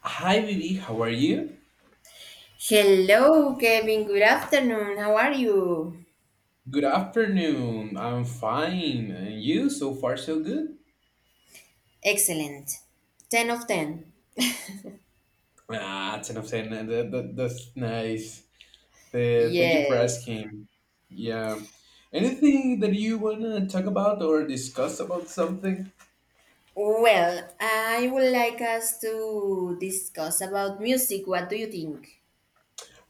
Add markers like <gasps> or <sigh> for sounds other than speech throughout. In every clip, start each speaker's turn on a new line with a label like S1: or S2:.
S1: Hi, Vivi. How are you?
S2: Hello, Kevin. Good afternoon. How are you?
S1: Good afternoon. I'm fine. And you? So far, so good.
S2: Excellent. 10 of 10.
S1: Ah, ten of ten. That's nice. Thank you for
S2: Yes.
S1: asking. Yeah. Anything that you wanna talk about or discuss about something?
S2: Well, I would like us to discuss about music. What do you think?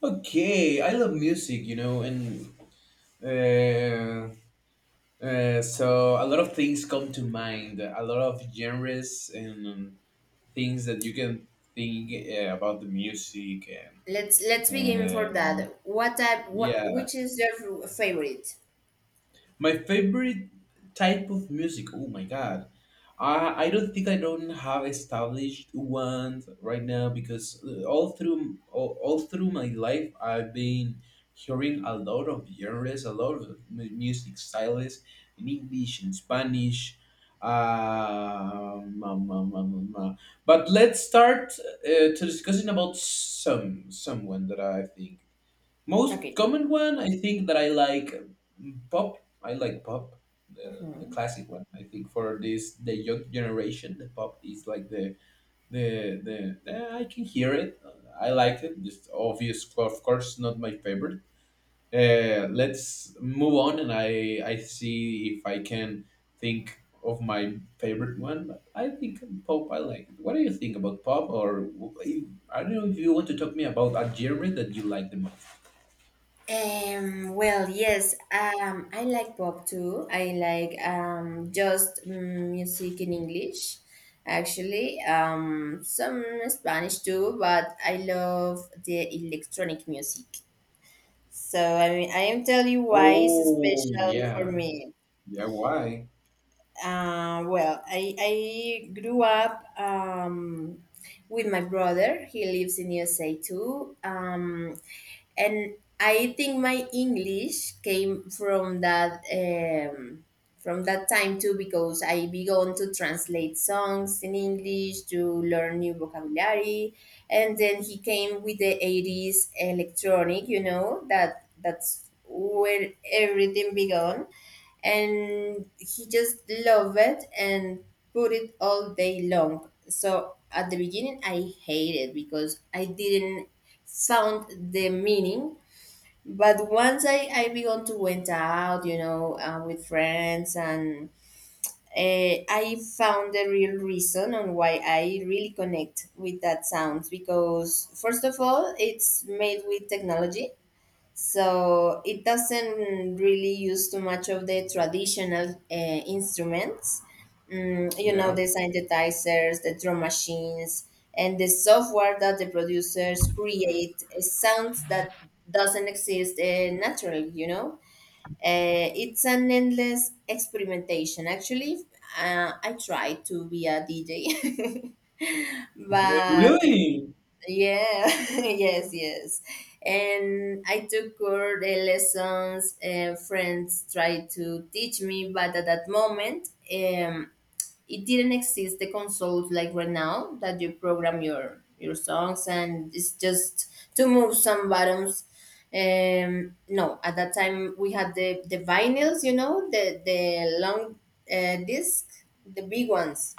S1: Okay, I love music, you know, and uh, so a lot of things come to mind. A lot of genres and things that you can think about the music and
S2: Let's begin for
S1: And
S2: that. What type? What,
S1: yeah,
S2: which is your favorite?
S1: my favorite type of music. Oh my god, I don't have established one right now because all through my life I've been hearing a lot of genres, a lot of music styles in English and Spanish. Um, um, um, um, um, uh, But let's start to discussing about someone that I think. Most
S2: Okay.
S1: common one, I think that I like mm, pop. I like pop, the classic one. I think for this the young generation, the pop is like the, I can hear it. I like it. Just obvious, of course, not my favorite. Let's move on, and I see if I can think of my favorite one. But I think pop. I like. It. What do you think about pop? Or I don't know if you want to talk me about a genre that you like the most.
S2: Yes, I like pop too. I like just music in English, actually. Some Spanish too, but I love the electronic music. So I mean, I am telling you why it's
S1: Oh
S2: special for
S1: yeah,
S2: me.
S1: yeah. Why?
S2: Well, I grew up with my brother. He lives in USA too. And I think my English came from that, from that time too, because I began to translate songs in English to learn new vocabulary, and then he came with the 80s electronic. You know, that that's where everything began, and he just loved it and put it all day long. So at the beginning I hated because I didn't found the meaning, but once I began to went out, you know, with friends, and I found the real reason on why I really connect with that sounds, because first of all, it's made with technology, so it doesn't really use too much of the traditional instruments. You
S1: Yeah.
S2: know, the synthesizers, the drum machines, and the software that the producers create, sounds that doesn't exist naturally, you know. It's an endless experimentation actually. I try to be a DJ <laughs> but
S1: Really,
S2: yeah, <laughs> yes, yes. And I took core lessons and friends tried to teach me, but at that moment, it didn't exist the consoles like right now that you program your songs and it's just to move some buttons. No, at that time we had the vinyls, you know, the long disc, the big ones.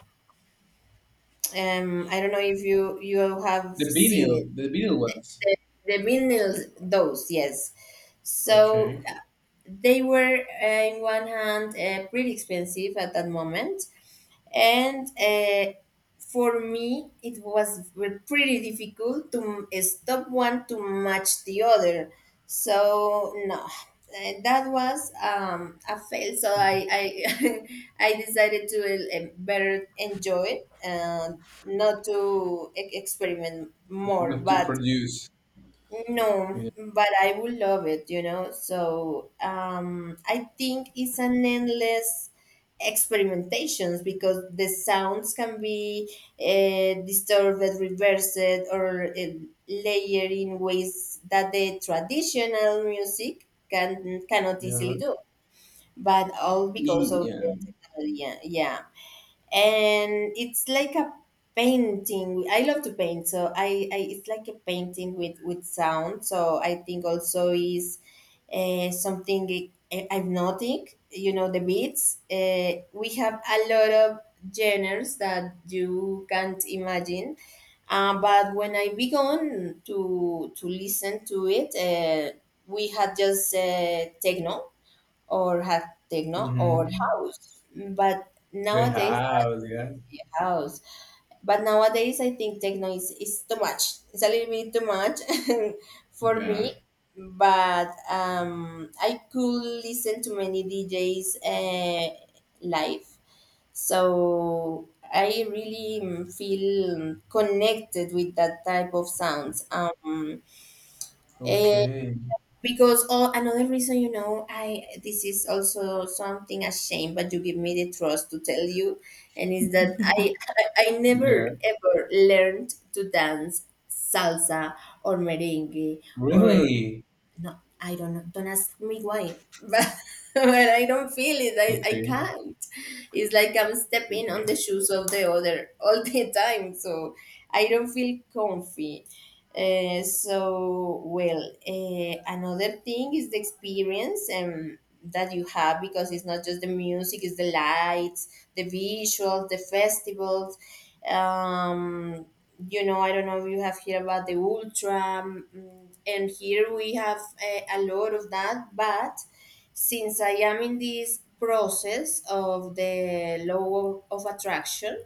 S2: I don't know if you have seen it.
S1: the vinyl ones.
S2: The millennials, those, yes. So
S1: Okay,
S2: they were, in one hand, pretty expensive at that moment, and for me, it was pretty difficult to stop one to match the other. So no, that was a fail. So <laughs> I decided to better enjoy it, not to experiment more,
S1: not to
S2: but
S1: produce.
S2: no,
S1: Yeah,
S2: but I would love it, you know. So I think it's an endless experimentations because the sounds can be disturbed, reversed, or layered in ways that the traditional music cannot
S1: yeah,
S2: easily do. But all because of
S1: yeah.
S2: the technology, yeah, yeah. And it's like a painting. I love to paint, so I it's like a painting with sound. So I think also is something I you know, the beats. We have a lot of genres that you can't imagine, but when I began to listen to it, we had just or had techno or
S1: Mm-hmm.
S2: house, but
S1: The
S2: nowadays
S1: house. Yeah,
S2: your house. But nowadays, I think techno is too much. It's a little bit too much <laughs> for
S1: yeah.
S2: me. But I could listen to many DJs live. So I really feel connected with that type of sounds. Eh,
S1: Okay.
S2: because oh, another reason, you know, I this is also something a shame, but you give me the trust to tell you, and is that I never
S1: Yeah.
S2: ever learned to dance salsa or merengue or
S1: Really.
S2: no, I don't know. Don't ask me why, <laughs> but I don't feel it. I
S1: Okay.
S2: can't. It's like I'm stepping on the
S1: Okay.
S2: shoes of the other all the time, so I don't feel comfy. So well, another thing is the experience that you have, because it's not just the music, it's the lights, the visuals, the festivals. Um, you know, I don't know if you have heard about the ultra, and here we have a lot of that. But since I am in this process of the law of attraction,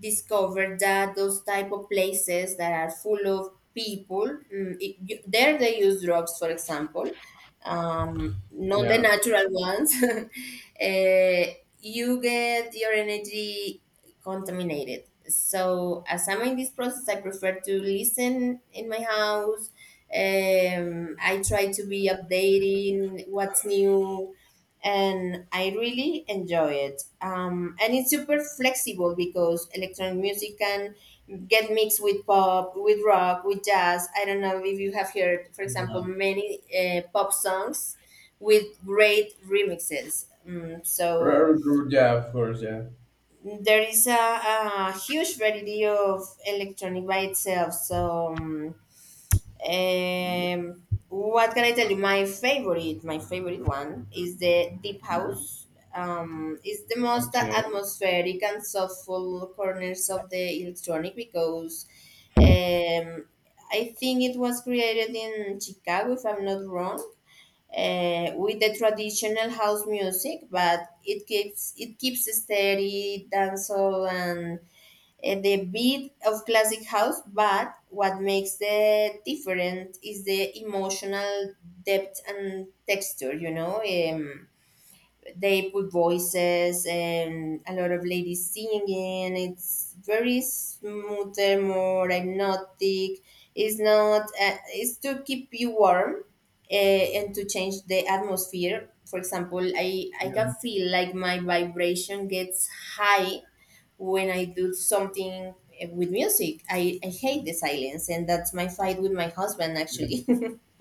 S2: discovered that those type of places that are full of people, it, you, there they use drugs for example, not the
S1: Yeah.
S2: natural ones. <laughs> You get your energy contaminated, so as I'm in this process I prefer to listen in my house. I try to be updating what's new, and I really enjoy it. And it's super flexible because electronic music can get mixed with pop, with rock, with jazz. I don't know if you have heard, for example, many pop songs with great remixes. So
S1: R- r- Yeah. Of course. Yeah.
S2: there is a huge variety of electronic by itself. What can I tell you? My favorite one is the Deep
S1: Yeah.
S2: House. It's the most
S1: Okay.
S2: atmospheric and soulful corners of the electronic because, um, I think it was created in Chicago, if I'm not wrong, with the traditional house music, but it keeps steady, dancehall, and the beat of classic house, but what makes the different is the emotional depth and texture. You know, they put voices and a lot of ladies singing. It's very smoother, more hypnotic. It's not. It's to keep you warm. And to change the atmosphere, for example, I can
S1: Yeah.
S2: feel like my vibration gets high when I do something with music. I hate the silence, and that's my fight with my husband
S1: Yeah.
S2: actually, <laughs>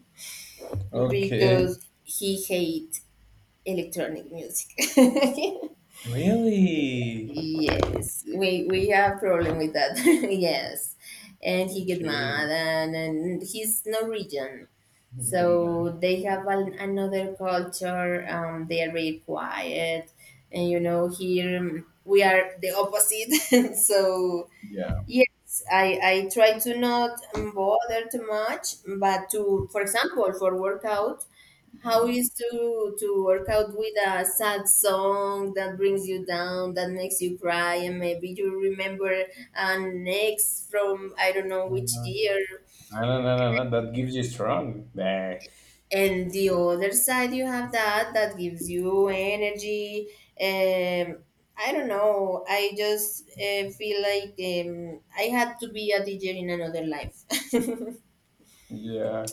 S1: Okay.
S2: because he hates electronic music. <laughs>
S1: Really.
S2: Yes, we have problem with that. <laughs> Yes, and he get mad,
S1: Okay.
S2: and he's Norwegian.
S1: Good man.
S2: So they have another culture. They are very quiet, and you know here we are the opposite. <laughs> So
S1: Yeah.
S2: yes, I try to not bother too much, but to, for example, for workout, how is to work out with a sad song that brings you down, that makes you cry, and maybe you remember an ex from I don't know
S1: No,
S2: which
S1: no,
S2: year.
S1: no, no, no! That gives you strong. Nah.
S2: And the other side, you have that gives you energy. Um, I don't know. I just feel like I had to be a DJ in another life. <laughs>
S1: Yeah,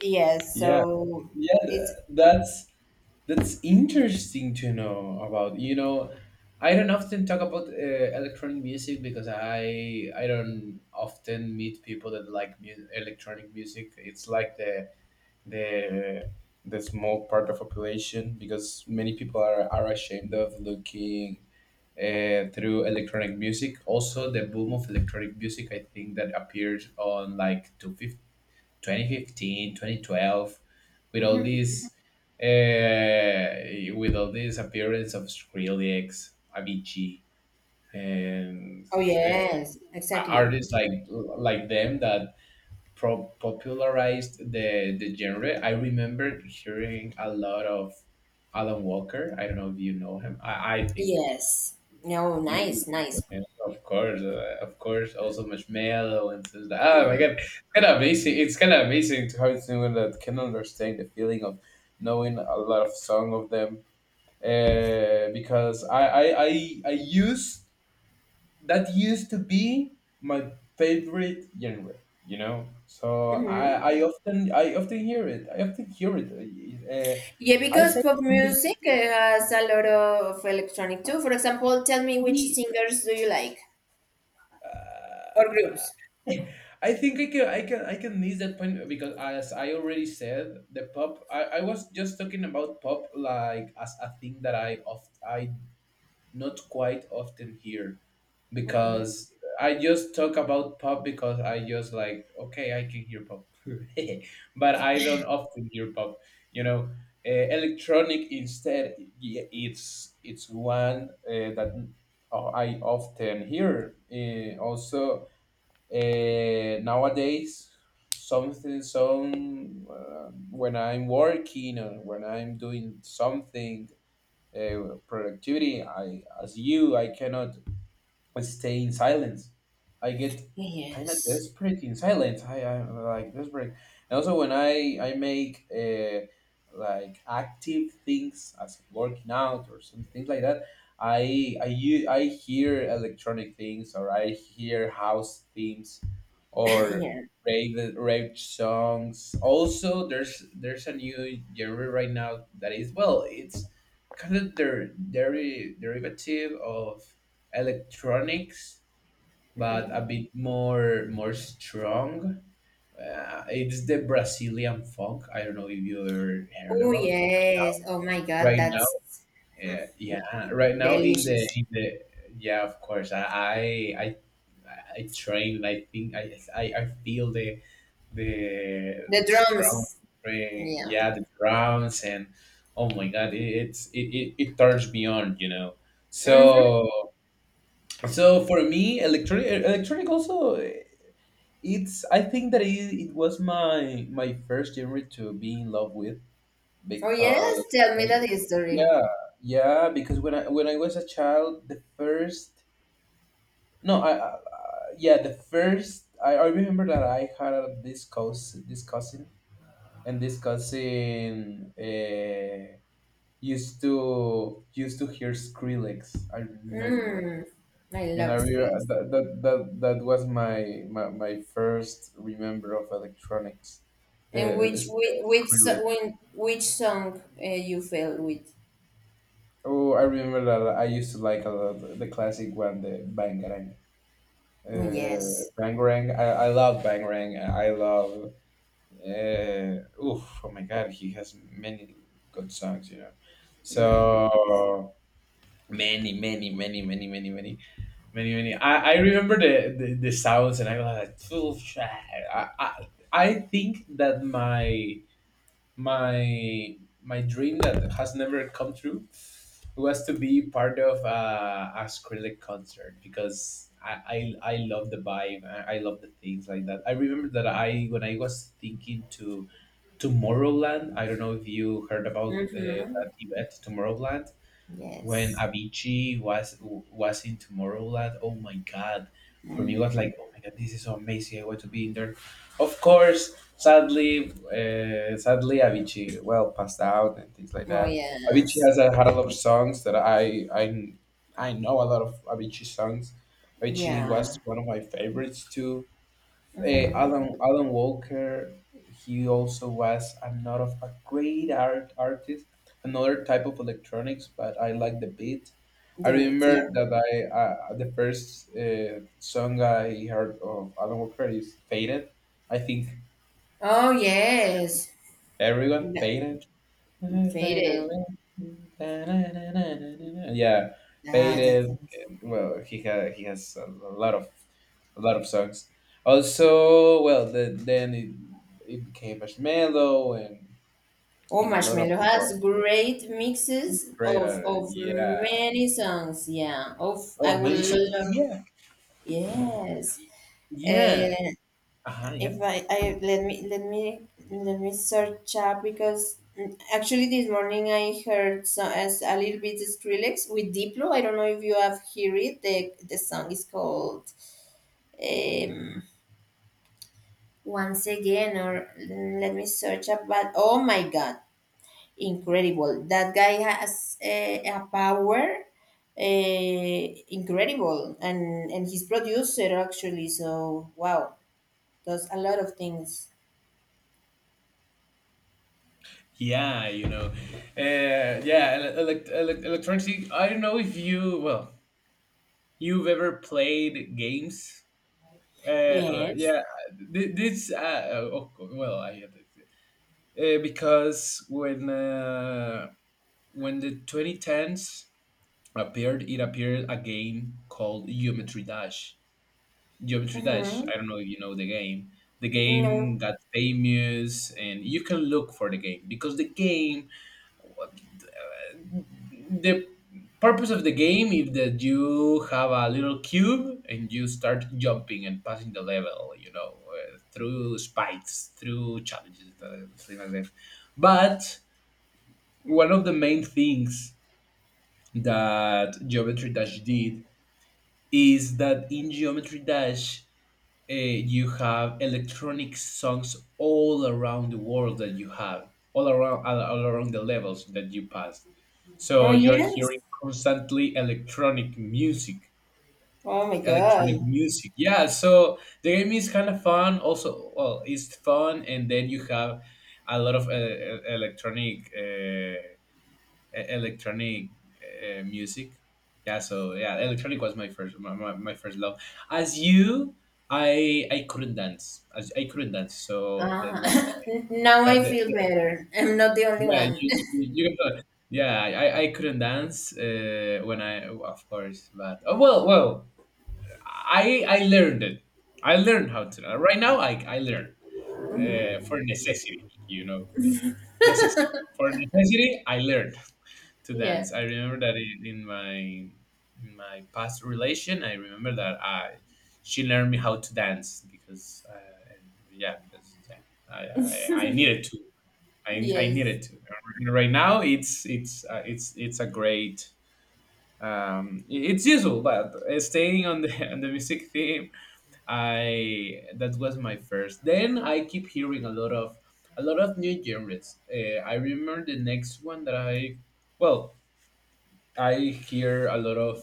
S2: Yes,
S1: yeah,
S2: so
S1: yeah.
S2: it's
S1: That's interesting to know about. You know, I don't often talk about electronic music because I don't often meet people that like electronic music. It's like the the small part of population because many people are ashamed of looking through electronic music. Also, the boom of electronic music, I think, that appeared on like 2015, 2012, with
S2: mhm.
S1: with all this appearance of Skrillex, Avicii, and
S2: Oh
S1: uh,
S2: yes, exactly.
S1: artists like them that popularized the genre. I remember hearing a lot of Alan Walker. I don't know if you know him. I think
S2: Yes. No,
S1: you,
S2: nice,
S1: you-
S2: nice.
S1: of course, also Marshmallow and things like oh my god,
S2: Mhm,
S1: it's kind of amazing. It's kind of amazing to have someone that can understand the feeling of knowing a lot of song of them. Because I use that used to be my favorite genre. You know, so
S2: mhm.
S1: I often hear it. I often hear it.
S2: Yeah,
S1: I
S2: because
S1: say. It
S2: pop
S1: used
S2: music has a lot of electronic too. For example, tell me
S1: to
S2: which
S1: be
S2: singers do you like or
S1: Uh,
S2: groups?
S1: <laughs> I think I can miss that point because as I already said, the pop I was just talking about pop like as a thing that I not quite often here because I just talk about pop because I just like okay I can hear pop, <laughs> but I don't often hear pop. You know, electronic instead it's one that I often hear. Also, nowadays something some when I'm working or when I'm doing something productivity. I, as you, I cannot stay in silence. I get kind of
S2: Yes. <clears throat>
S1: desperate in silence. I I'm like desperate, and also when I make like active things as working out or some things like that, I hear electronic things or I hear house themes
S2: <laughs>
S1: or
S2: Yeah.
S1: rave songs. Also, there's a new genre right now that is well, it's kind of derivative of electronics, but a bit more strong. It's the Brazilian funk. I don't know if you ever heard
S2: Oh
S1: about right
S2: yes. Oh my God,
S1: right now.
S2: that's
S1: Yeah, right now in the
S2: delicious.
S1: in the yeah, of course. I I train. I think I I feel the
S2: The
S1: the strong
S2: drums.
S1: train.
S2: Yeah.
S1: Yeah, the drums and oh my god, it it turns me on. You know,
S2: Mm-hmm.
S1: so. So for me, electronic also eh, it's I think that it was my my first genre to be in love with
S2: Oh
S1: because
S2: yes. Tell me that history.
S1: yeah yeah because when I was a child the first no I, I- yeah the first I remember that I had this cousin and this cousin used to hear Skrillex I remember.
S2: Mm. I
S1: And
S2: love Skrillex.
S1: that that was my my first remember of electronics,
S2: And
S1: the, it's the
S2: which
S1: Skrillex.
S2: when which song you fell with?
S1: Oh, I remember that I used to like a lot the classic one, the Bangarang.
S2: Oh, yes,
S1: Bangarang, I love Bangarang. I love. Uh, oof, oh my God, he has many good songs, you know.
S2: man.
S1: So many, many, many, many, many, many, many, many I remember the sounds and I was like "Phew, sh- I think that my my dream that has never come true was to be part of a Skrillex concert because I love the vibe I love the things like that I remember that I when I was thinking to Tomorrowland I don't know if you heard about
S2: Mm-hmm.
S1: that event Tomorrowland when
S2: Yes.
S1: Avicii was in Tomorrowland. Oh my god, for me it was like, oh my god, this is so amazing. I want to be in there. Of course, sadly, sadly Avicii well passed out and things like
S2: Oh
S1: that. Avicii
S2: yes.
S1: had a lot of songs that I know a lot of Avicii songs. Avicii
S2: Yeah.
S1: was one of my favorites too. Eh,
S2: Mm-hmm.
S1: Alan Alan Walker, he also was another of a great artist, another type of electronics, but I like the beat. I
S2: There it. Yeah.
S1: remember that I the first song I heard of Alan Walker is "Faded." I think
S2: Oh, yes.
S1: everyone
S2: That-
S1: "Faded." Fade
S2: Faded.
S1: away. Da-na-na-na-na-na. Yeah,
S2: Ah, that's.
S1: faded.
S2: Nice.
S1: And, well, he ha he has lot of a lot of songs. Also, well, the, then it became Marshmello and
S2: Oh,
S1: I mean a lot of
S2: Marshmello
S1: people are
S2: has great mixes
S1: great. At
S2: of
S1: it. Yeah.
S2: many songs. Yeah. Of I
S1: Oh,
S2: will
S1: many songs.
S2: love.
S1: Yeah.
S2: Yes.
S1: Yeah.
S2: Uh,
S1: Uh-huh, yeah.
S2: if I, I let me let me search up because, actually this morning I heard so as a little bit Skrillex with Diplo. I don't know if you have heard it. The song is called, um, Once Again or, let me search up. But oh my god, incredible! That guy has a power. Incredible, and his producer actually so wow, does a lot of things.
S1: Yeah, you know. Electronic. I don't know if you, well, you've ever played games. Uh,
S2: Yes.
S1: yeah, this oh, well, I get it. Because when the 2010s appeared, it appeared a game called Geometry Dash. Geometry Dash.
S2: Mm-hmm.
S1: I don't know if you know the game. The
S2: No.
S1: game got famous, and you can look for the game because the purpose of the game is that you have a little cube and you start jumping and passing the level you know through spikes through challenges things like that but one of the main things that Geometry Dash did is that in Geometry Dash you have electronic songs all around the world that you have all around all around the levels that you pass,
S2: Oh,
S1: so you're
S2: yes.
S1: hearing constantly
S2: Oh, my
S1: electronic
S2: God.
S1: music yeah so the game is kind of fun also well it's fun and then you have a lot of electronic electronic music. Yeah, so yeah, electronic was my first my first love. As you, I couldn't dance. As I couldn't dance, so that
S2: Uh,
S1: was my
S2: <laughs> now
S1: yeah.
S2: I feel better. I'm not the only
S1: Yeah,
S2: one.
S1: know, yeah, I couldn't dance when I of course, but oh well, well, I learned it. I learned how to. Right now, I learn for necessity. You know, necessity for necessity. I learned. To
S2: <laughs> Yeah.
S1: dance. I remember that in my past relation, I remember that I she learned me how to dance because yeah, because yeah, I needed to. I
S2: Yes.
S1: needed to. And right now, it's it's a great. It's useful, but staying on the <laughs> on the music theme, I that was my first. Then I keep hearing a lot of new genres. I remember the next one that I well I hear a lot of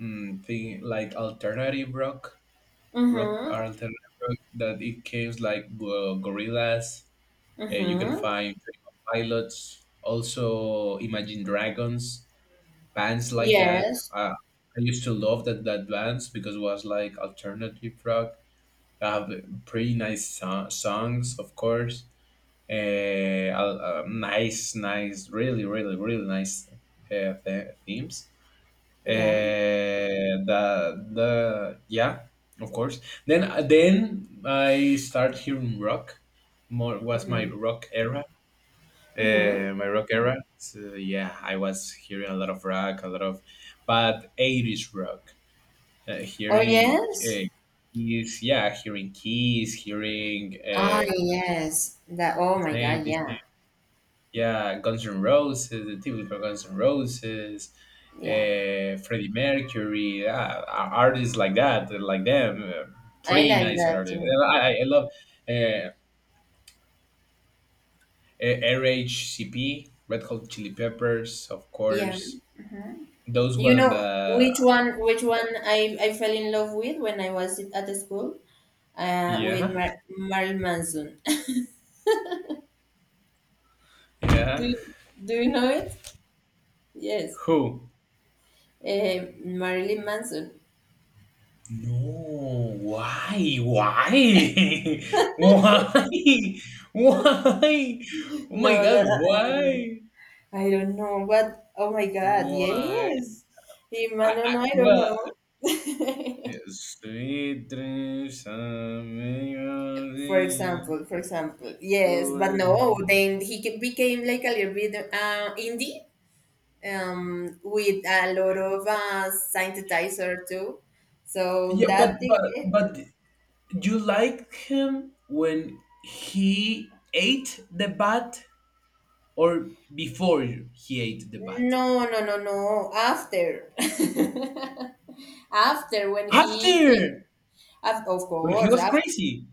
S1: mm, thing like alternative rock, rock
S2: Mm-hmm.
S1: alternative rock that it came like Gorillaz. You can
S2: Mm-hmm.
S1: find Twenty One Pilots, also Imagine Dragons, bands like that.
S2: Yes.
S1: I used to love that bands because it was like alternative rock. They have pretty nice songs, of course. Really nice, themes.
S2: Yeah.
S1: The Yeah, of course. Then I start hearing rock more. Was my
S2: Mm-hmm.
S1: rock era.
S2: Mm-hmm.
S1: So yeah, I was hearing a lot of rock, a lot of, but 80s rock.
S2: Oh,
S1: Hearing,
S2: yes.
S1: keys, yeah, hearing keys, hearing,
S2: Ah, yes. That. Oh,
S1: this
S2: my
S1: name
S2: God.
S1: this name.
S2: Yeah.
S1: Yeah, Guns N' Roses, the typical Guns N' Roses,
S2: Yeah.
S1: Freddie Mercury, artists like that, like them,
S2: I
S1: pretty
S2: like
S1: nice
S2: that
S1: artists.
S2: too.
S1: And I love, uh, RHCP, Red Hot Chili Peppers, of
S2: Yeah.
S1: course. Those
S2: You
S1: one
S2: know
S1: that,
S2: which one? Which one I fell in love with when I was at the school. With
S1: yeah,
S2: Marilyn Manson. <laughs> Do
S1: yeah.
S2: you, do you know it? Yes,
S1: Who?
S2: Marilyn Manson.
S1: No, why? Why? <laughs> Why? Why? Oh
S2: No,
S1: my God,
S2: that, I don't know.
S1: why?
S2: I don't know what. Oh my God,
S1: Why?
S2: yes. Imano, no,
S1: I
S2: no, I don't
S1: Well,
S2: know.
S1: sweet dreams coming of
S2: <laughs> For
S1: you.
S2: example, for example, yes, but no. Then he became like a little bit indie, with a lot of synthesizer too. So
S1: Yeah, but
S2: that
S1: but
S2: ticket.
S1: but you liked him when he ate the bat or before he ate the bat?
S2: No, no, no, no. After. <laughs> After when he
S1: After,
S2: of
S1: when he
S2: course,
S1: was crazy.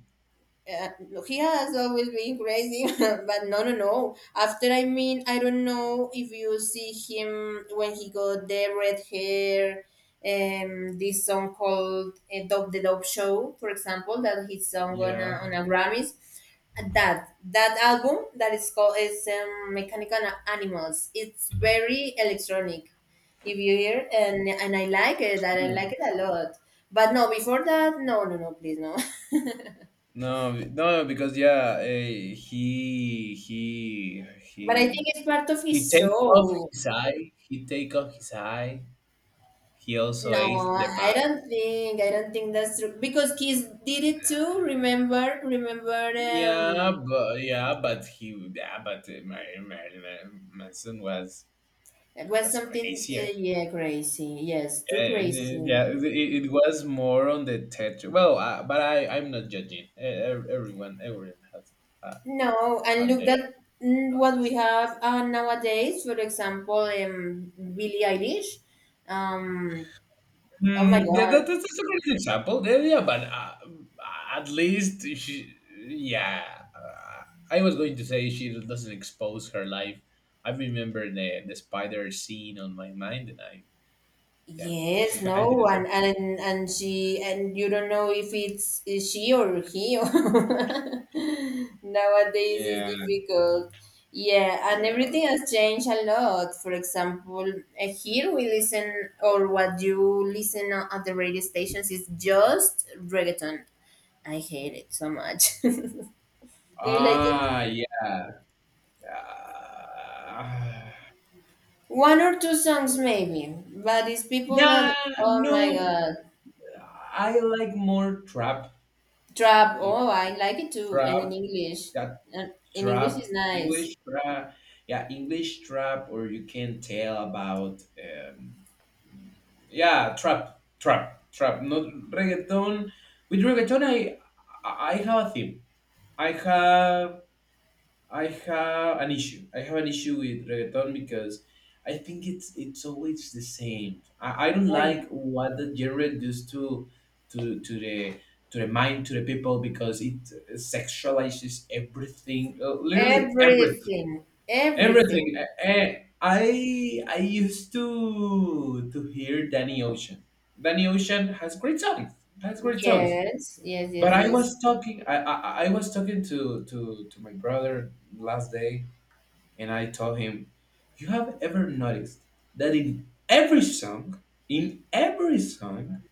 S2: uh, he has always been crazy, <laughs> but no, no, no. After, I mean, I don't know if you see him when he got the red hair, this song called, Dog the Dog Show, for example, that his song on
S1: Yeah.
S2: on a Grammys. That that album that is called is, Mechanical Animals. It's very electronic, if you hear, and I like it. That I like
S1: Hmm.
S2: it a lot. But no, before that, no, no, no, please, no. <laughs>
S1: No, because yeah,
S2: But I think
S1: he
S2: it's part of
S1: He
S2: his
S1: take off
S2: show.
S1: his eye. He take off his eye. He also
S2: No,
S1: ate the
S2: I
S1: bat.
S2: don't think. I don't think that's true because Kiss did it too. Remember, remember.
S1: Yeah, but he, yeah, but my son was
S2: It was
S1: was
S2: something.
S1: crazier.
S2: Yeah, crazy. Yes, too
S1: Yeah,
S2: crazy.
S1: it was more on the theater. Well, but I'm not judging. Everyone has, uh,
S2: No, and
S1: have
S2: look
S1: their.
S2: that, what we have nowadays. For example, Billie Eilish. Um, oh my
S1: Mm, yeah, that's
S2: God,
S1: a good example. Yeah, yeah, but, at least she, yeah, I was going to say she doesn't expose her life. I remember the spider scene on my mind, and I... Yeah,
S2: yes,
S1: <laughs> I
S2: no
S1: didn't say.
S2: one, and she, and you don't know if it's is she or he. <laughs> Nowadays is
S1: Yeah.
S2: difficult. Yeah, and everything has changed a lot. For example, here we listen, or what you listen at the radio stations is just reggaeton. I hate it so much. <laughs> Do you like it?
S1: Ah, yeah. <sighs> Uh,
S2: One or two songs maybe, but it's people
S1: yeah,
S2: that oh my
S1: no,
S2: god.
S1: I like more trap.
S2: Trap.
S1: If
S2: Oh, I like it too.
S1: trap, that
S2: And in English is
S1: trap,
S2: nice.
S1: English trap. Yeah, English trap, or you can tell about. Yeah, trap, trap, trap. Not reggaeton. With reggaeton, I have a theme. I have I have an issue. I have an issue with reggaeton because I think it's always the same. I don't
S2: Oh, yeah.
S1: like what the genre does to the mind, to the people, because it sexualizes everything, literally everything,
S2: Everything, everything.
S1: everything. I used to hear Danny Ocean. Danny Ocean has great songs. Has great songs.
S2: Yes, yes,
S1: But
S2: yes,
S1: I
S2: yes.
S1: was talking. I was talking to my brother last day, and I told him, you have ever noticed that in every song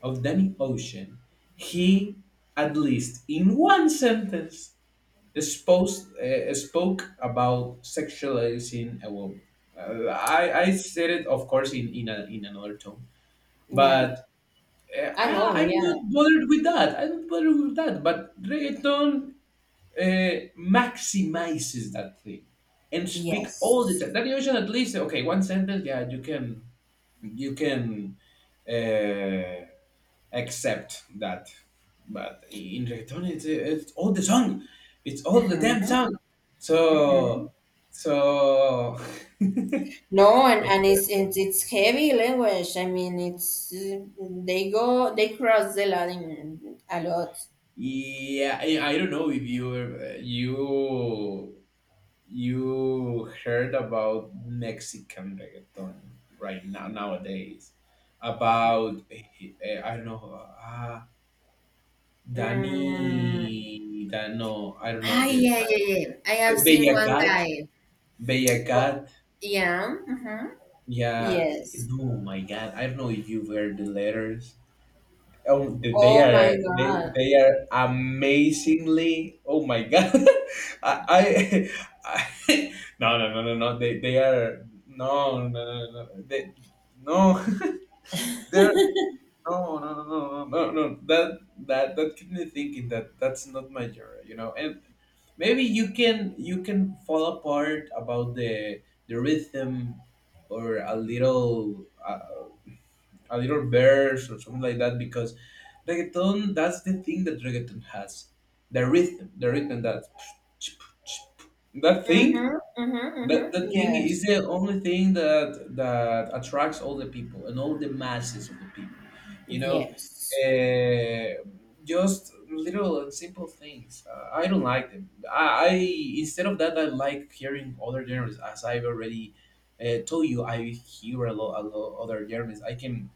S1: of Danny Ocean, he, at least in one sentence, exposed, spoke about sexualizing a woman. I said it, of course, in another tone,
S2: Yeah,
S1: but,
S2: I know.
S1: I'm
S2: Yeah.
S1: not bothered with that. I'm not bothered with that. But reggaeton, maximizes that thing and speak all the
S2: Yes.
S1: time. That usually at least, okay, one sentence. Yeah, you can, uh, accept that, but in reggaeton, it's all the song, it's all the damn song. So so. <laughs>
S2: No, and
S1: So
S2: and it's heavy language. I mean, it's they cross the line a lot.
S1: yeah, I don't know if you, you heard about Mexican reggaeton right now nowadays, about, I don't know,
S2: Mm.
S1: Danny Dano, I don't know,
S2: Ah,
S1: the,
S2: yeah, yeah, yeah. I have
S1: Be-
S2: seen
S1: Bella
S2: one
S1: Cat
S2: guy.
S1: Bella
S2: Oh,
S1: Cat
S2: yeah. Mm-hmm.
S1: yeah,
S2: Yes.
S1: no my God, I don't know if you've heard the letters. Oh, th- they
S2: Oh my
S1: are they
S2: God.
S1: they are amazingly. Oh my God, <laughs> I, I, <laughs> I, no, no, no, no, no, they are, no, no, no, no, no. They, no, <laughs> they're, no, no, no, no, no, no, no, that kept me thinking that's not my genre, you know. And maybe you can fall apart about the rhythm, or a little. A little verse or something like that, because reggaeton, that's the thing that reggaeton has, the rhythm, that thing,
S2: Mm-hmm. Mm-hmm. Yes.
S1: is the only thing that attracts all the people and all the masses of the people, you know.
S2: Yes.
S1: uh, just little and simple things, I don't like them. I Instead of that, I like hearing other genres, as I've already, told you. I hear a lot other genres.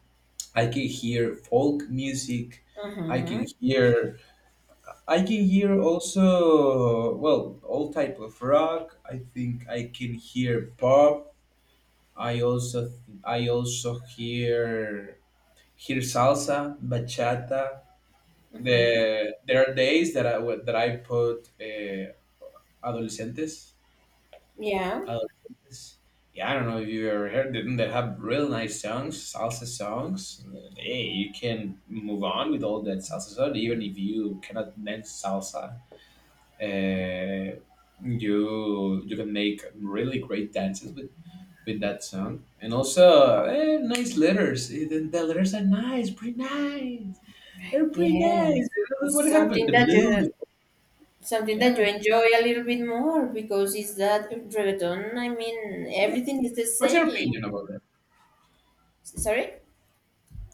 S1: I can hear folk music. I can
S2: Mm-hmm.
S1: hear I can hear also, well, all type of rock. I think I can hear pop. I also I also hear salsa, bachata.
S2: Mm-hmm.
S1: There are days that I put, adolescentes.
S2: Yeah.
S1: Uh, yeah, I don't know if you ever heard. Didn't they have real nice songs, salsa songs? Hey, you can move on with all that salsa song, even if you cannot dance salsa. Uh, you can make really great dances with that song, and also, nice letters. The letters are nice, pretty nice. They're pretty
S2: Yes.
S1: nice. What happened?
S2: Something
S1: The
S2: that you
S1: blues.
S2: something that you
S1: Yeah.
S2: enjoy a little bit more because it's that reggaeton. I mean, everything is the
S1: What's your
S2: same.
S1: opinion about that?
S2: Sorry.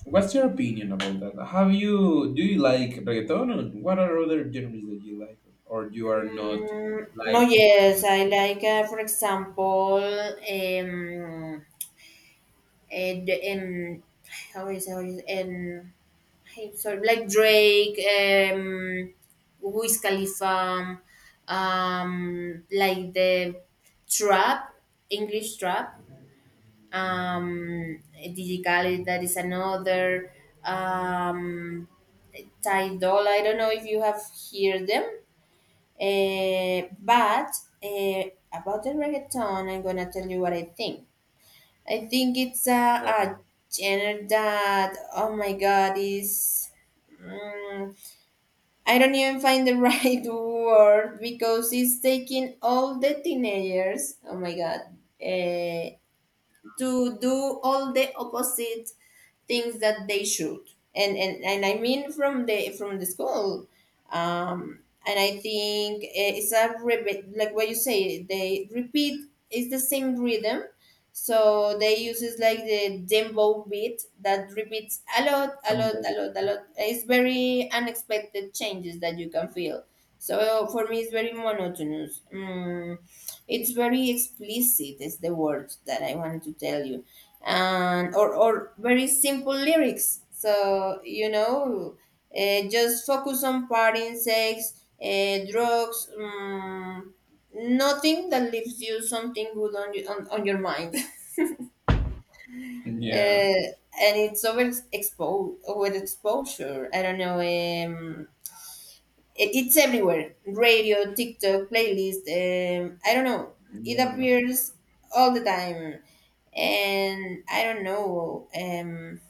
S1: What's your opinion about that? Have you Do you like reggaeton, or what are other genres that you like, or you are not
S2: No,
S1: like into
S2: yes,
S1: it?
S2: I like, for example, and, how is and I'm sorry, like Drake, Wiz Khalifa, like the trap, English trap, Digicali, that is another, um, Ty Dolla. I don't know if you have heard them. But about the reggaeton, I'm gonna tell you what I think. I think it's
S1: Yeah,
S2: a genre that, oh my god, is. Mm, I don't even find the <laughs> right word because it's taking all the teenagers, oh my god, eh, to do all the opposite things that they should and I mean from the school um and I think it's a repeat, like what you say, they repeat is the same rhythm, so they uses like the dembow beat that repeats
S1: I'm both.
S2: a lot. It's very unexpected changes that you can feel, so for me it's very monotonous. It's very explicit is the word that I wanted to tell you, and or very simple lyrics, so you know, just focus on partying, sex, drugs, nothing that leaves you something good on your mind. <laughs>
S1: Yeah,
S2: uh, and it's over exposure, I don't know. It's everywhere, radio, tiktok, playlist. I don't know, it
S1: yeah,
S2: appears all the time, and I don't know.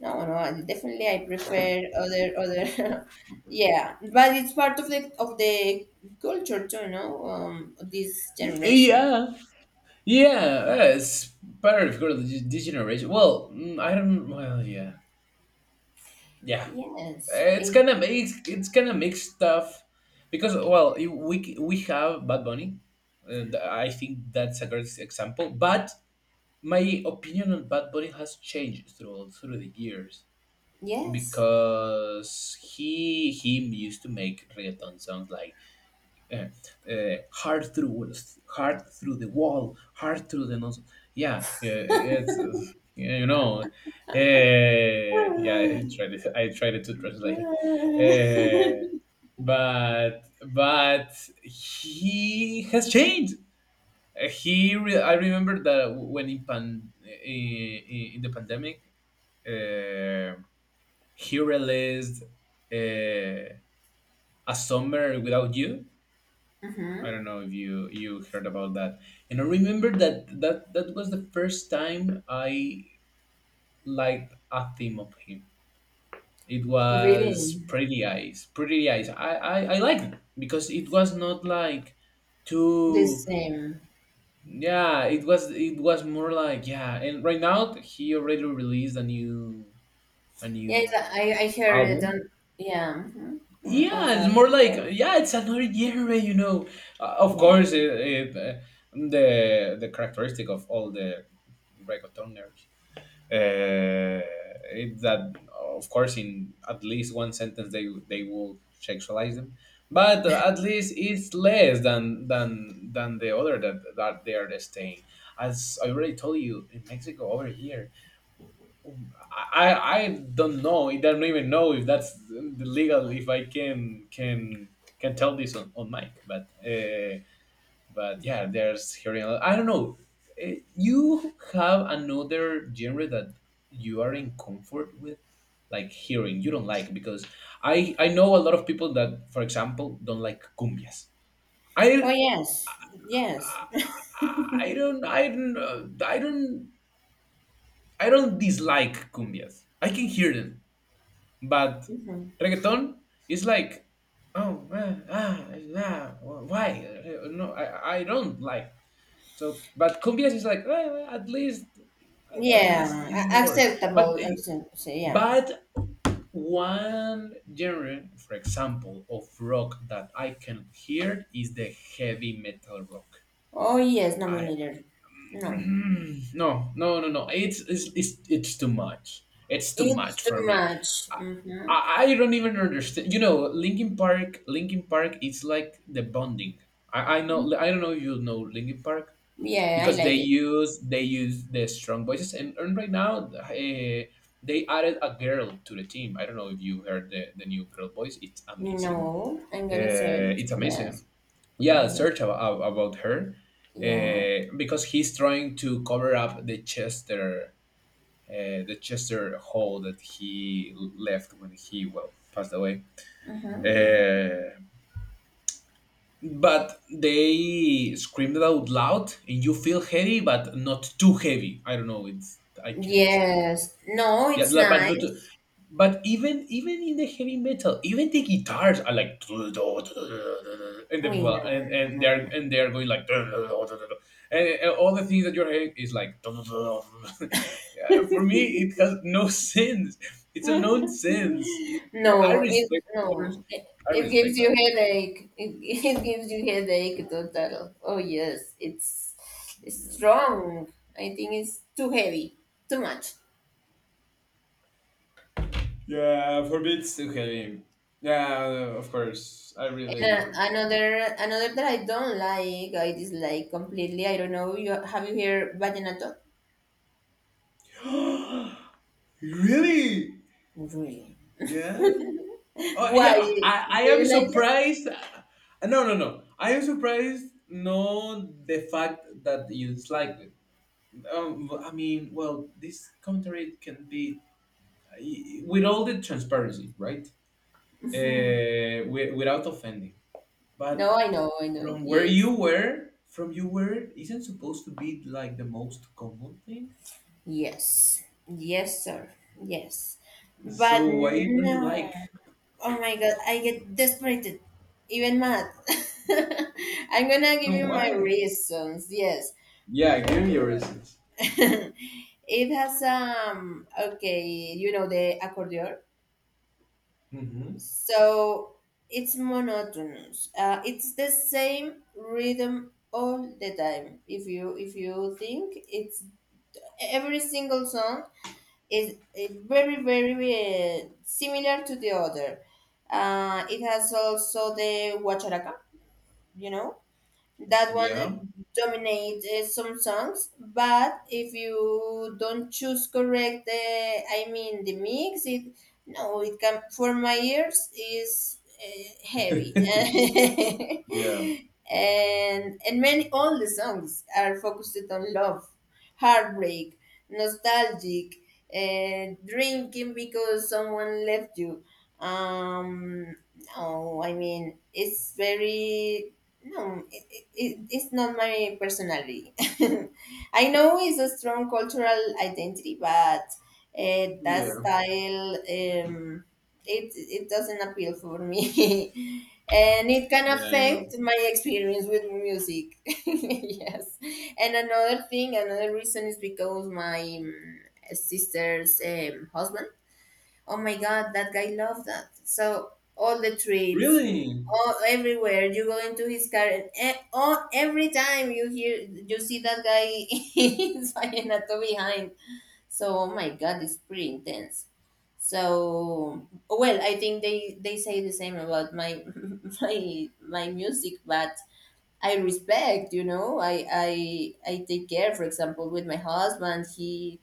S2: No, no, definitely I prefer other. <laughs> Yeah, but it's part of the culture too, no? This generation.
S1: yeah. Yeah, it's part, of course, this generation. Well, mm, I don't. Well, yeah, yeah.
S2: Yes, it,
S1: It's kind of mixed stuff, because, well, we have Bad Bunny. And I think that's a great example, but my opinion on Bad Bunny has changed through the years,
S2: yes.
S1: because he used to make reggaeton songs like, uh, uh, hard through hard through the wall, hard through the nose. Yeah, it's, you know, yeah. I
S2: <sighs>
S1: tried it. I tried to translate it,
S2: <laughs>
S1: but he has changed. I remember that when, in the pandemic, uh, he released, uh, a summer without you. I
S2: Mm-hmm.
S1: don't know if you heard about that. And I remember that that was the first time I liked a theme of him. It was
S2: Really,
S1: Pretty Eyes, Pretty Eyes. I liked it because it was not like
S2: the
S1: too...
S2: same.
S1: Yeah, it was, it was more like, yeah. And right now he already released a new, a
S2: Yes,
S1: new
S2: I heard it
S1: album.
S2: on, yeah, mhm, on
S1: Yeah, it's more
S2: that,
S1: like,
S2: yes,
S1: yeah, it's another genre, you know. Of
S2: yeah.
S1: course, it, the characteristic of all the reggaetoners, uh, it's that, of course, in at least one sentence they will sexualize them. But at least it's less than the other that they are staying, as I already told you, in Mexico over here. I don't know, I don't even know if that's the legal, if I can tell this on mic, but, but yeah, there's hearing. I don't know. You have another genre that you are in comfort with, like hearing. You don't like, because I know a lot of people that, for example, don't like cumbias.
S2: Oh
S1: I
S2: yes, yes.
S1: I don't I don't uh, I don't I don't dislike cumbias. I can hear them, but
S2: <laughs> Hmm,
S1: reggaeton is like, oh, ah, ah, ah, why? No, I don't like. So, but cumbias is like, well, at least
S2: yeah.
S1: in the words.
S2: Acceptable, accept, so, yeah.
S1: But one genre, for example, of rock that I can hear is the heavy metal rock.
S2: Oh yes,
S1: I,
S2: nominated. No,
S1: <clears throat> no, no, no, no. It's too much. It's too
S2: it's
S1: much
S2: too
S1: for me.
S2: much.
S1: I,
S2: Mm-hmm.
S1: I don't even understand. You know, Linkin Park. Linkin Park. It's like the bonding. I know. I don't know if you know Linkin Park.
S2: Yeah, I
S1: Because
S2: like it.
S1: they use the strong voices, and right now, they added a girl to the team. I don't know if you heard the new girl voice, it's amazing.
S2: No, I'm gonna search.
S1: It's
S2: Yes,
S1: amazing.
S2: I'm
S1: Yeah,
S2: gonna.
S1: search about her.
S2: Yeah.
S1: Because he's trying to cover up the Chester, the Chester hole that he left when he, well, passed away.
S2: Mm-hmm. Mm-hmm.
S1: uh, but they screamed it out loud and you feel heavy but not too heavy, I don't know, it's, I can explain it like,
S2: Yes. No,
S1: yeah,
S2: it's
S1: like, but not too-.
S2: nice.
S1: But even in the heavy metal, even the guitars are like <laughs> and
S2: We no, no, no, no, no.
S1: and they're going like <laughs> and all the things that you're hearing is like <laughs> for me it has no sense, it's a nonsense. i
S2: No, it
S1: respect of course
S2: no.
S1: I
S2: It
S1: respect
S2: gives you
S1: that.
S2: headache. It, <laughs> it gives you headache total. Oh yes, it's strong. I think it's too heavy, too much.
S1: Yeah, for beats to him. Yeah, of course. I
S2: And
S1: really.
S2: another another that I don't like, I dislike completely. I don't know. You have you heard vallenato?
S1: <gasps> Really?
S2: Really?
S1: Yeah. Oh,
S2: Why
S1: yeah.
S2: do
S1: I am
S2: you like it?
S1: surprised. No, no, no. I am surprised. No, the fact that you dislike it. I mean, well, this commentary can be with all the transparency, right? Without offending,
S2: No,
S1: but
S2: I know, I know.
S1: from where
S2: Yes,
S1: you were, from you were, isn't supposed to be like the most common thing.
S2: yes, yes, sir, yes.
S1: So
S2: But
S1: why don't you
S2: no.
S1: like?
S2: Oh my God, I get desperate, even mad. <laughs> I'm gonna give you my
S1: Why?
S2: reasons. Yes.
S1: Yeah,
S2: Mm.
S1: give me your reasons.
S2: <laughs> It has okay, you know the accordion.
S1: Hmm.
S2: So it's monotonous. It's the same rhythm all the time. If you think it's every single song is very similar to the other. It has also the guacharaca, you know, that one
S1: Yeah.
S2: that dominates some songs, but if you don't choose correct, I mean, the mix, it no, it can, for my ears, is
S1: <laughs>
S2: heavy.
S1: Yeah.
S2: <laughs> And many, all the songs are focused on love, heartbreak, nostalgic, and drinking because someone left you. um no, I mean, it's very no, it's not my personality. <laughs> I know it's a strong cultural identity, but that
S1: Yeah.
S2: style, it doesn't appeal for me, <laughs> and it can
S1: Yeah, I know.
S2: affect my experience with music. <laughs> Yes, and another thing, another reason is because my sister's husband, oh my God, that guy loved that. So all the trips,
S1: Really?
S2: all everywhere you go into his car, and all, every time you hear you see that guy <laughs> in Vallenato behind. So oh my God, it's pretty intense. So well, I think they say the same about my <laughs> my music, but I respect, you know, I take care. For example, with my husband, he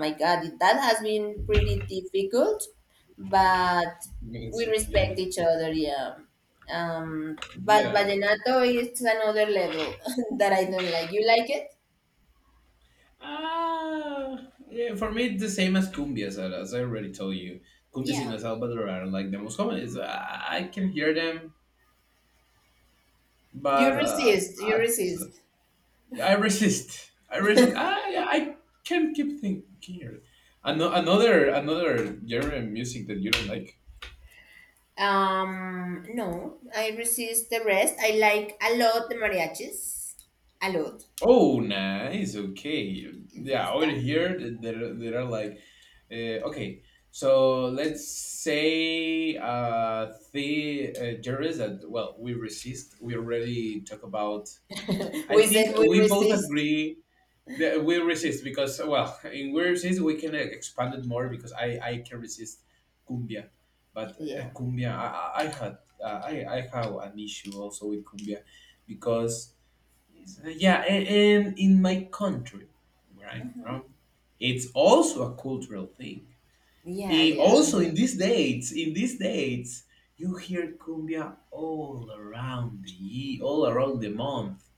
S2: my God, that has been pretty difficult, but we
S1: Amazing.
S2: respect
S1: Yeah.
S2: each other. Yeah. But
S1: Yeah.
S2: vallenato is another level <laughs> that I don't like. You like it?
S1: Ah, yeah. For me, it's the same as cumbias, as I already told you. Cumbias in
S2: Yeah.
S1: El Salvador are like the most common. Is, I can hear them,
S2: You
S1: but,
S2: resist. You
S1: at...
S2: resist.
S1: Yeah, I resist. I resist. I can not keep thinking here. Another genre of music that you don't like.
S2: No, I resist the rest. I like a lot the mariachis. A lot.
S1: Oh, nice. Okay.
S2: Yes,
S1: Yeah, over
S2: that.
S1: here, there are like, okay. So let's say, the, genres that, well, we resist. We already talk about.
S2: <laughs>
S1: I
S2: We said
S1: think
S2: we
S1: we both
S2: resist.
S1: agree we resist because well, <laughs> in we resist we can expand it more because I can resist cumbia, but
S2: Yeah.
S1: cumbia I had I have an issue also with cumbia because yeah, and in my country where I'm from, it's also a cultural thing.
S2: Yeah,
S1: I-
S2: yeah.
S1: also in these dates, you hear cumbia all around the month.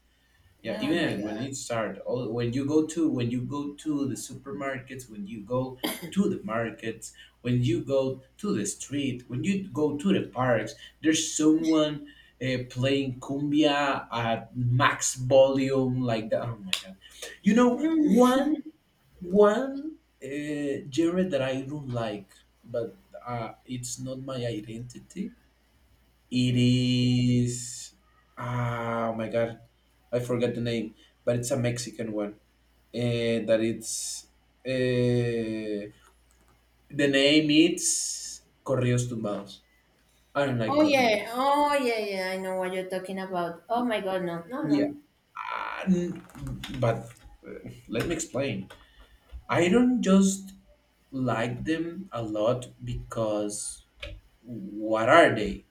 S1: Yeah,
S2: Oh my
S1: even when
S2: God.
S1: it start, all when you go to when you go to the supermarkets, when you go to the markets, when you go to the street, when you go to the parks, there's someone playing cumbia at max volume like that. Oh my god! You know one genre that I don't like, but it's not my identity it is. Oh my God, I forgot the name, but it's a Mexican one. That it's. Uh, the name is Corridos Tumbados. I don't like
S2: Oh
S1: corridos.
S2: yeah, oh yeah, yeah. I know what you're talking about. Oh my God, no, no, no.
S1: Yeah, and- but uh, let me explain. I don't just like them a lot because what are they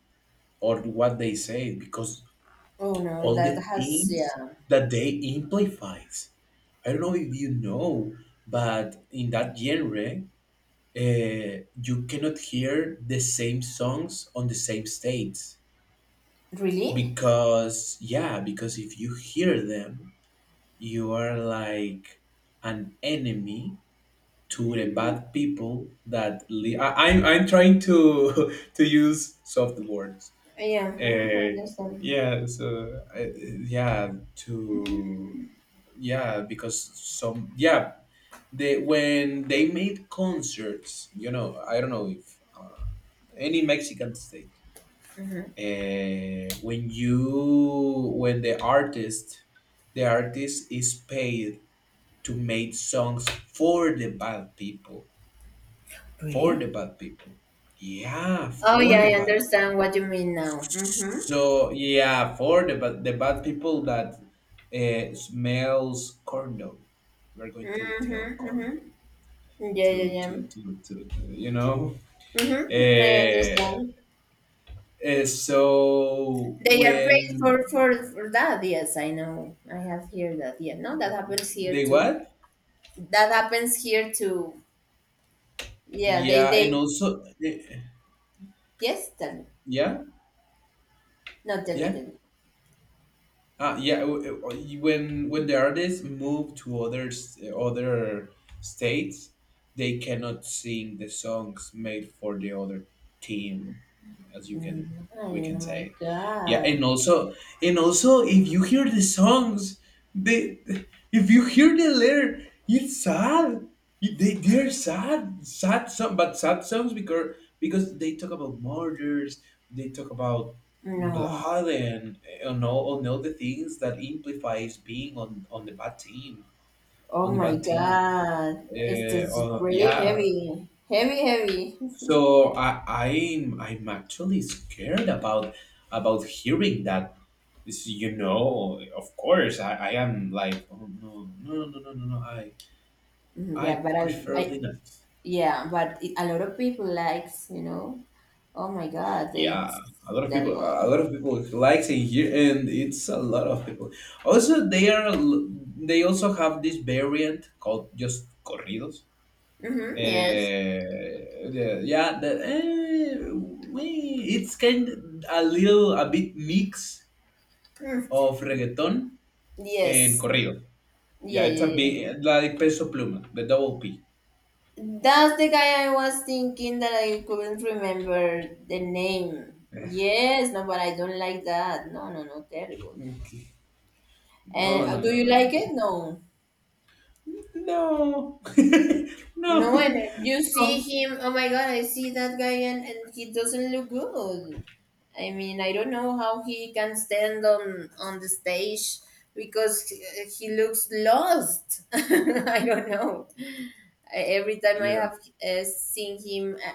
S1: or what they say? Because
S2: Oh no,
S1: all
S2: that
S1: the
S2: has
S1: things
S2: yeah.
S1: that they amplifies. I don't know if you know, but in that genre, you cannot hear the same songs on the same stage
S2: Really?
S1: because yeah, because if you hear them, you are like an enemy to the bad people that I'm trying to <laughs> to use soft words.
S2: Yeah, mm-hmm,
S1: Uh,
S2: understand.
S1: yeah, so uh, yeah, to Yeah, because they when they made concerts, I don't know if any Mexican state, when the artist is paid to make songs for the bad people, for the
S2: Really?
S1: bad people. Yeah,
S2: Oh yeah,
S1: for the
S2: I
S1: bad people.
S2: understand what you mean now. Mm-hmm.
S1: So yeah, for the bad people that smells corn dog. We're going to tell corn dog
S2: Yeah, yeah, yeah.
S1: to
S2: Mm-hmm. I
S1: eh,
S2: understand.
S1: so
S2: They are paid
S1: when
S2: for, for that. Yes, I know. I have heard that. Yeah, no, that happens here
S1: they
S2: too.
S1: what
S2: That happens here too. Yeah,
S1: yeah
S2: they
S1: and also
S2: yes. Tell me.
S1: yeah
S2: No, tell me,
S1: yeah
S2: tell me.
S1: Yeah, when the artists move to other states, they cannot sing the songs made for the other team, as you can
S2: Mm,
S1: we
S2: oh
S1: can
S2: my
S1: say. Yeah,
S2: God.
S1: and also if you hear the songs, they if you hear the lyric, it's sad. They're sad, sad song, but sad songs because they talk about murders, they talk about
S2: No.
S1: Bladen and all the things that implies being on the bad team, on
S2: Oh
S1: the
S2: my
S1: bad team.
S2: God. It is just really
S1: Yeah.
S2: heavy. Heavy, heavy. <laughs>
S1: So I'm actually scared about hearing that. Of course, I am like, oh no, no, no, no, no, no. I
S2: Mhm, yeah,
S1: I
S2: but I
S1: prefer Linux.
S2: yeah, but it, a lot of people likes, you know. Oh my God,
S1: Yeah,
S2: it's
S1: a lot of people,
S2: terrible.
S1: a lot of people likes it here, and it's a lot of people. Also, they also have this variant called just corridos.
S2: Mm-hmm, yes.
S1: Eh, the- yeah, the, eh, we, it's kind of a bit mix
S2: Mm,
S1: of reggaeton and
S2: yes.
S1: corrido. Yeah,
S2: Yeah,
S1: it's a
S2: yeah, yeah.
S1: bit like Peso Pluma, the double P.
S2: That's the guy I was thinking that I couldn't remember the name. Yes, no, but I don't like that. No, no, no, terrible.
S1: Okay. No, no,
S2: And
S1: no,
S2: do you
S1: no,
S2: like
S1: no,
S2: it? No.
S1: no, <laughs> no.
S2: No, and
S1: <laughs>
S2: then you see
S1: No.
S2: him. Oh my God, I see that guy, and he doesn't look good. I mean, I don't know how he can stand on the stage because he looks lost. <laughs> I don't know. Every time I
S1: Yeah.
S2: have seen him,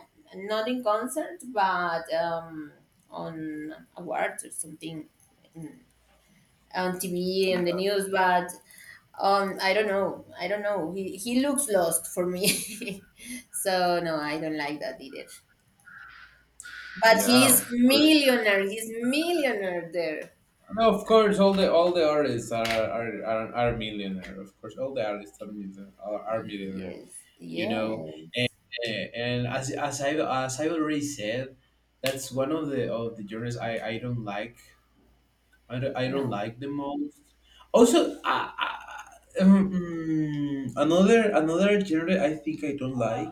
S2: not in concert, but on awards or something on TV and the news, but I don't know. I don't know. He looks lost for me. <laughs> So no, I don't like that either. But
S1: Yeah,
S2: he's
S1: of course.
S2: millionaire. He's millionaire there.
S1: No, of course, all the artists are are millionaire. Of course, all the artists are millionaire. Are millionaire.
S2: Yes.
S1: You know, and,
S2: Yes.
S1: and as as I already said, that's one of the genres I don't like. I don't
S2: No.
S1: like the most. Also, another genre I think I don't like.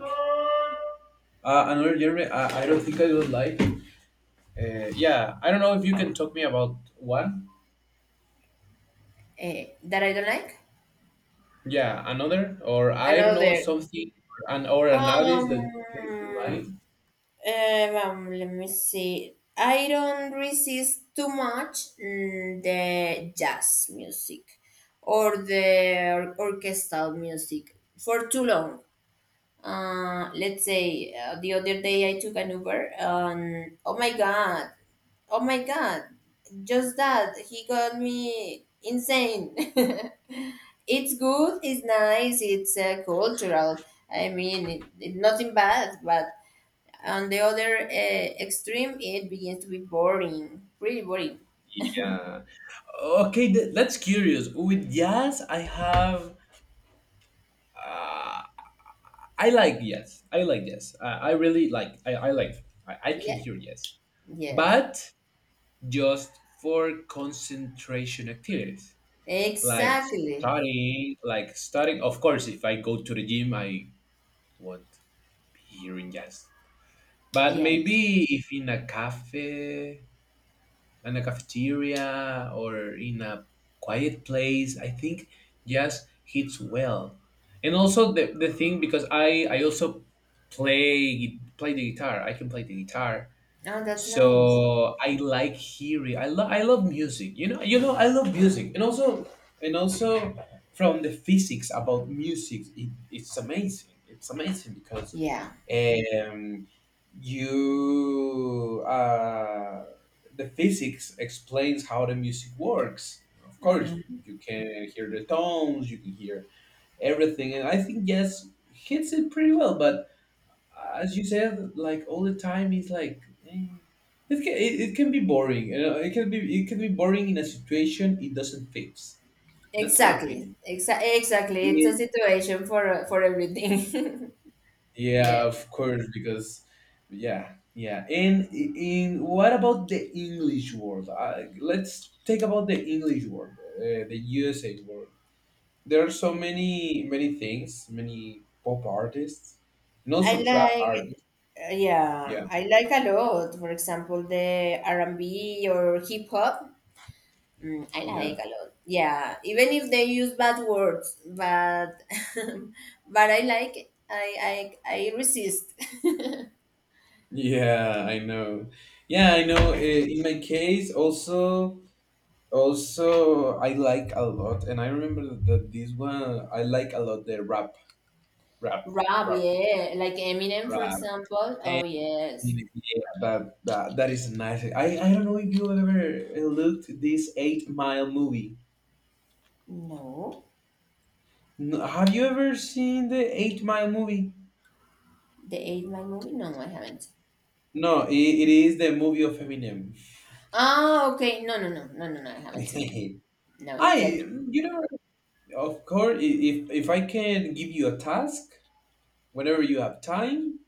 S1: Another genre I don't think I don't like. Yeah, I don't know if you can talk me about one.
S2: That I don't like.
S1: Yeah, another or I don't know
S2: Another.
S1: something and or an artist that comes to
S2: Um.
S1: mind.
S2: Let me see. I don't resist too much the jazz music or the orchestral music for too long. Let's say the other day I took an Uber and oh my god, just that he got me insane. <laughs> It's good, it's nice, it's cultural. I mean, nothing bad, but on the other extreme, it begins to be boring, pretty boring.
S1: Yeah. Okay, that's curious. With jazz, I like jazz. I like jazz. I really like. I like. I can
S2: Yeah.
S1: hear jazz,
S2: Yes.
S1: but just for concentration activities like
S2: Exactly.
S1: studying, like studying. Of course, if I go to the gym, I won't be hearing jazz. But
S2: Yes.
S1: maybe if in a cafeteria or in a quiet place. I think jazz hits well. And also the thing because I also play the guitar. I can play the guitar
S2: Oh, that's nice.
S1: so I like hearing. I love music. I love music, and also, and also, from the physics about music, it's amazing. It's amazing because,
S2: Yeah.
S1: um, you the physics explains how the music works. Of course, you can hear the tones. You can hear everything, and I think yes, hits it pretty well. But as you said, like all the time, it's like it can be boring. It can be boring in a situation it doesn't fit. That's my
S2: Exactly.
S1: opinion.
S2: Exactly. It's a
S1: Yeah,
S2: situation for everything. <laughs>
S1: yeah,
S2: Yeah.
S1: of course, because yeah, yeah. And in what about the English word? Let's take about the English word, the USA word. There are so many many things, many pop artists, and
S2: I
S1: also trap
S2: like.
S1: artists.
S2: Yeah,
S1: Yeah,
S2: I like a lot. For example, the R and B or hip hop. Mm, I
S1: yeah.
S2: like a lot. Yeah, even if they use bad words, but <laughs> but I like, I resist.
S1: Yeah, I know. Yeah, I know. In my case, also, I like a lot, and I remember that this one I like a lot the rap,
S2: <laughs>
S1: rap,
S2: Rap,
S1: rap,
S2: yeah, like Eminem, for
S1: rap,
S2: example. Oh
S1: and
S2: yes.
S1: yeah, that is nice. I don't know if you ever looked this 8 Mile movie.
S2: No,
S1: No, have you ever seen the 8 Mile movie?
S2: the Eight Mile movie. No, I haven't.
S1: No, it is the movie of Eminem.
S2: Ah, okay. No, no, no, no, no, no. I haven't seen it.
S1: <laughs>
S2: No,
S1: I,
S2: tell me.
S1: you know, of course, if I can give you a task, whenever you have time,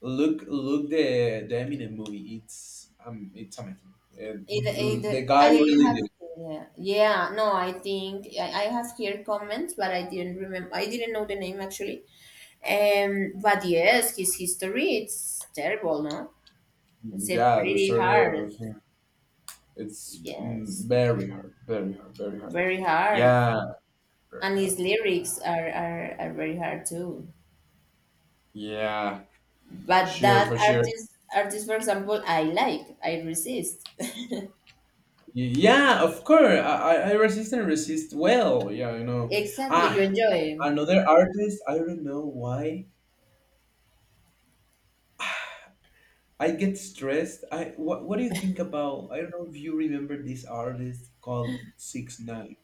S1: look the Eminem movie. It's amazing. The guy
S2: I have.
S1: really did.
S2: Yeah, yeah. No, I think I have heard comments, but I didn't remember. I didn't know the name actually. But yes, his history it's terrible, no? It's a
S1: Yeah, the
S2: pretty
S1: story
S2: hard,
S1: of him. It's
S2: yes,
S1: very hard, very hard, very hard.
S2: very hard,
S1: Yeah, very
S2: and his
S1: hard. Yeah,
S2: lyrics are, are very hard too.
S1: yeah,
S2: But
S1: sure
S2: that
S1: for sure.
S2: artist, for example, I like, I resist. <laughs>
S1: Yeah, of course. I resist and resist well. Yeah.
S2: Exactly, you
S1: Ah,
S2: enjoy him.
S1: another artist. I don't know why. I get stressed. What do you think about? I don't know if you remember this artist called 69.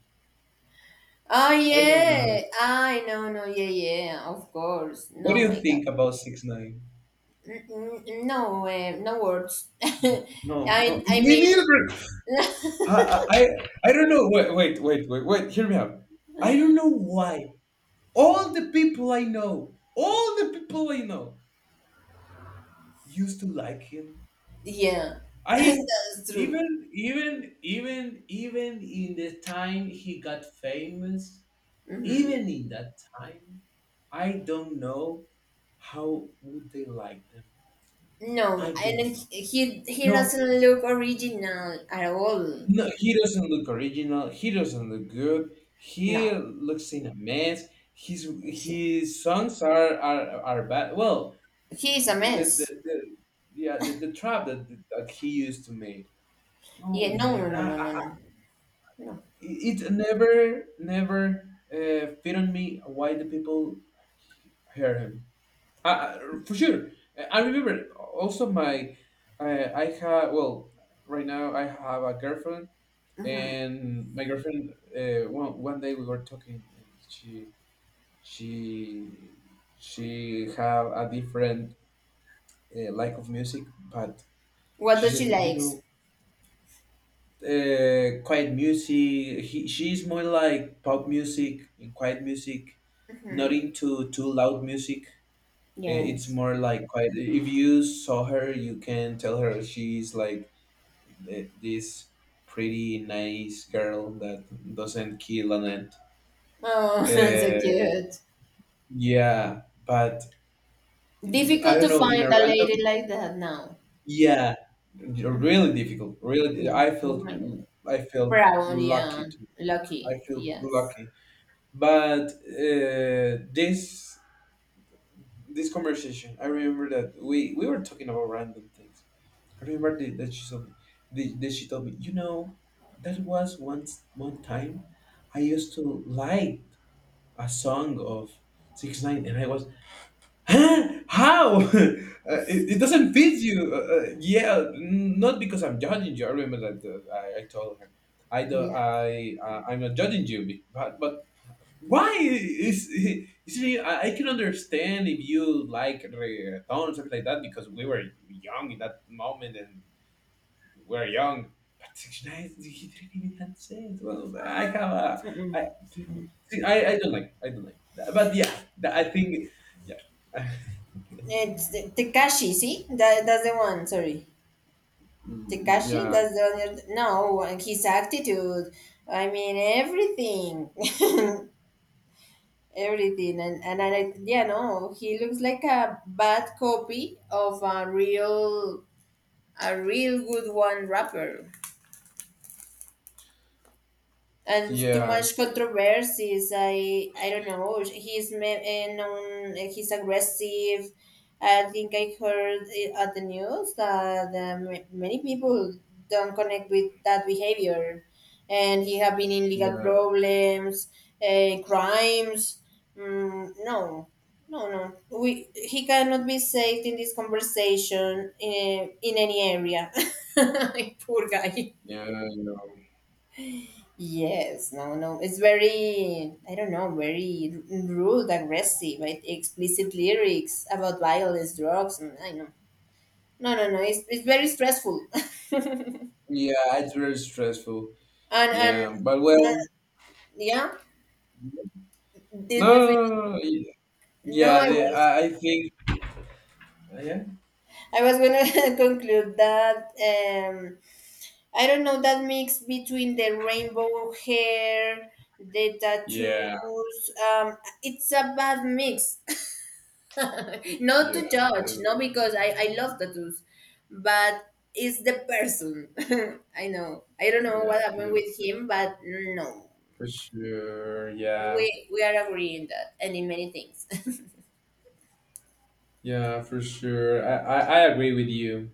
S2: Oh
S1: I don't know if you know.
S2: yeah, I no no yeah yeah of course.
S1: What
S2: No
S1: do you
S2: my God,
S1: think about 69?
S2: No no words. <laughs>
S1: No, no,
S2: I
S1: me
S2: mean,
S1: neither. I don't know. Wait, wait, wait, wait, wait. Hear me out. I don't know why all the people I know, all the people I know, used to like him.
S2: yeah, <laughs>
S1: I
S2: that's true.
S1: even in the time he got famous even in that time, I don't know how would they like them. I
S2: No,
S1: don't
S2: and
S1: know.
S2: he
S1: No,
S2: doesn't look original at all.
S1: no, he doesn't look original. He doesn't look good. He
S2: No,
S1: looks in a mess. His
S2: see,
S1: his songs are are bad. Well,
S2: he is a
S1: the, the,
S2: mess.
S1: the the trap that he used to make.
S2: Yeah,
S1: Oh
S2: no,
S1: my!
S2: no, no, no, no, no, no.
S1: It never fit on me why the people hear him. Uh, for sure. I remember also uh, I have, well, right now I have a girlfriend, and my girlfriend, one day we were talking, and she, she have a different like of music, but
S2: What
S1: she
S2: does
S1: said,
S2: she likes?
S1: quiet music, she's more like pop music and quiet music, not into too loud music. It's
S2: Yes.
S1: more like quite. If you saw her, you can tell her she's like this pretty nice girl that doesn't kill an ant.
S2: Oh, <laughs> so
S1: Uh,
S2: cute.
S1: yeah, but I
S2: Difficult
S1: don't
S2: to
S1: know. In
S2: find
S1: a
S2: a lady
S1: random,
S2: like that now.
S1: yeah, really difficult. Really,
S2: Mm, oh my god.
S1: I felt
S2: Proud,
S1: lucky.
S2: yeah. Lucky,
S1: I feel
S2: yes.
S1: lucky. But uh, this this conversation, I remember that we were talking about random things. I remember that she told me, the, that she told me, you know, that was once one time I used to like a song of 69, and I was, huh? How? <laughs> It doesn't fit you. Yeah, not because I'm judging you. I remember that I told her, I don't,
S2: Yeah.
S1: I, I'm not judging you, but but why is <laughs> is me? I can understand if you like reggaeton or something like that because we were young in that moment and we're young. But 69, <laughs> he didn't even have sense. Well, I have a. I, see, I don't like. I don't like that. But yeah, I think. Yeah. <laughs>
S2: It's the Tekashi, see? That, that's the one, sorry.
S1: Mm,
S2: Takashi,
S1: yeah,
S2: that's the other. No, his attitude. I mean, everything, <laughs> everything, and I, yeah, no, he looks like a bad copy of a real good one rapper.
S1: so,
S2: And too
S1: yeah,
S2: much controversies. I don't know. He's known. He's aggressive. I think I heard at the news that many people don't connect with that behavior, and he have been in legal
S1: yeah,
S2: problems, crimes. Mm, no, no, no. We he cannot be saved in this conversation in any area. <laughs> Poor guy.
S1: yeah. I know.
S2: Yes, no, no. It's very, I don't know, very rude, aggressive, right? Explicit lyrics about violence, drugs, and I know. No, no, no. It's very stressful. <laughs>
S1: Yeah, it's very stressful.
S2: And
S1: Yeah, but well,
S2: yeah,
S1: no,
S2: did we
S1: no,
S2: fin-
S1: no, no.
S2: no,
S1: Yeah, yeah, I think. Yeah.
S2: I was gonna <laughs> conclude that I don't know that mix between the rainbow hair, the
S1: Yeah,
S2: tattoos. It's a bad mix. <laughs> Not to
S1: yeah,
S2: judge, no, because I love tattoos, but it's the person. <laughs> I know. I don't know
S1: yeah.
S2: what happened with him, but no,
S1: For sure. Yeah,
S2: we are agreeing that, and in many things.
S1: yeah, for sure. I agree with you.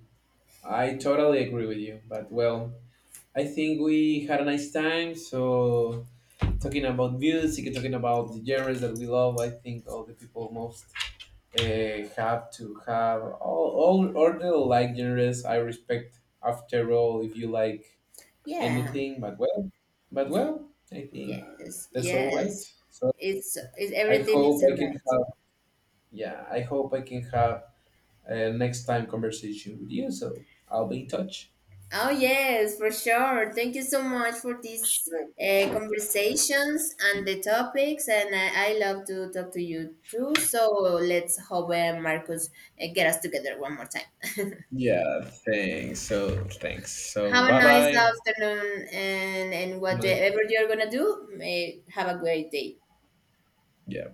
S1: I totally agree with you, but well, I think we had a nice time. So talking about music, and talking about the genres that we love, I think all the people most have to have all the like genres. I respect after all if you like
S2: <laughs> Yeah.
S1: anything, but well, but well, I think
S2: Yes.
S1: that's all right.
S2: Yes.
S1: So
S2: It's
S1: I
S2: everything
S1: hope
S2: is
S1: I can
S2: alright.
S1: have yeah, I hope I can have a next time conversation with you. So I'll be in touch.
S2: Oh, yes, for sure. Thank you so much for these
S1: Sure.
S2: conversations and the topics. And I love to talk to you too. So let's hope Marcus get us together one more time. <laughs>
S1: Yeah, thanks. So thanks. So
S2: Have a
S1: bye
S2: nice
S1: bye.
S2: afternoon, and whatever you're going to do, may have a great day.
S1: Yeah.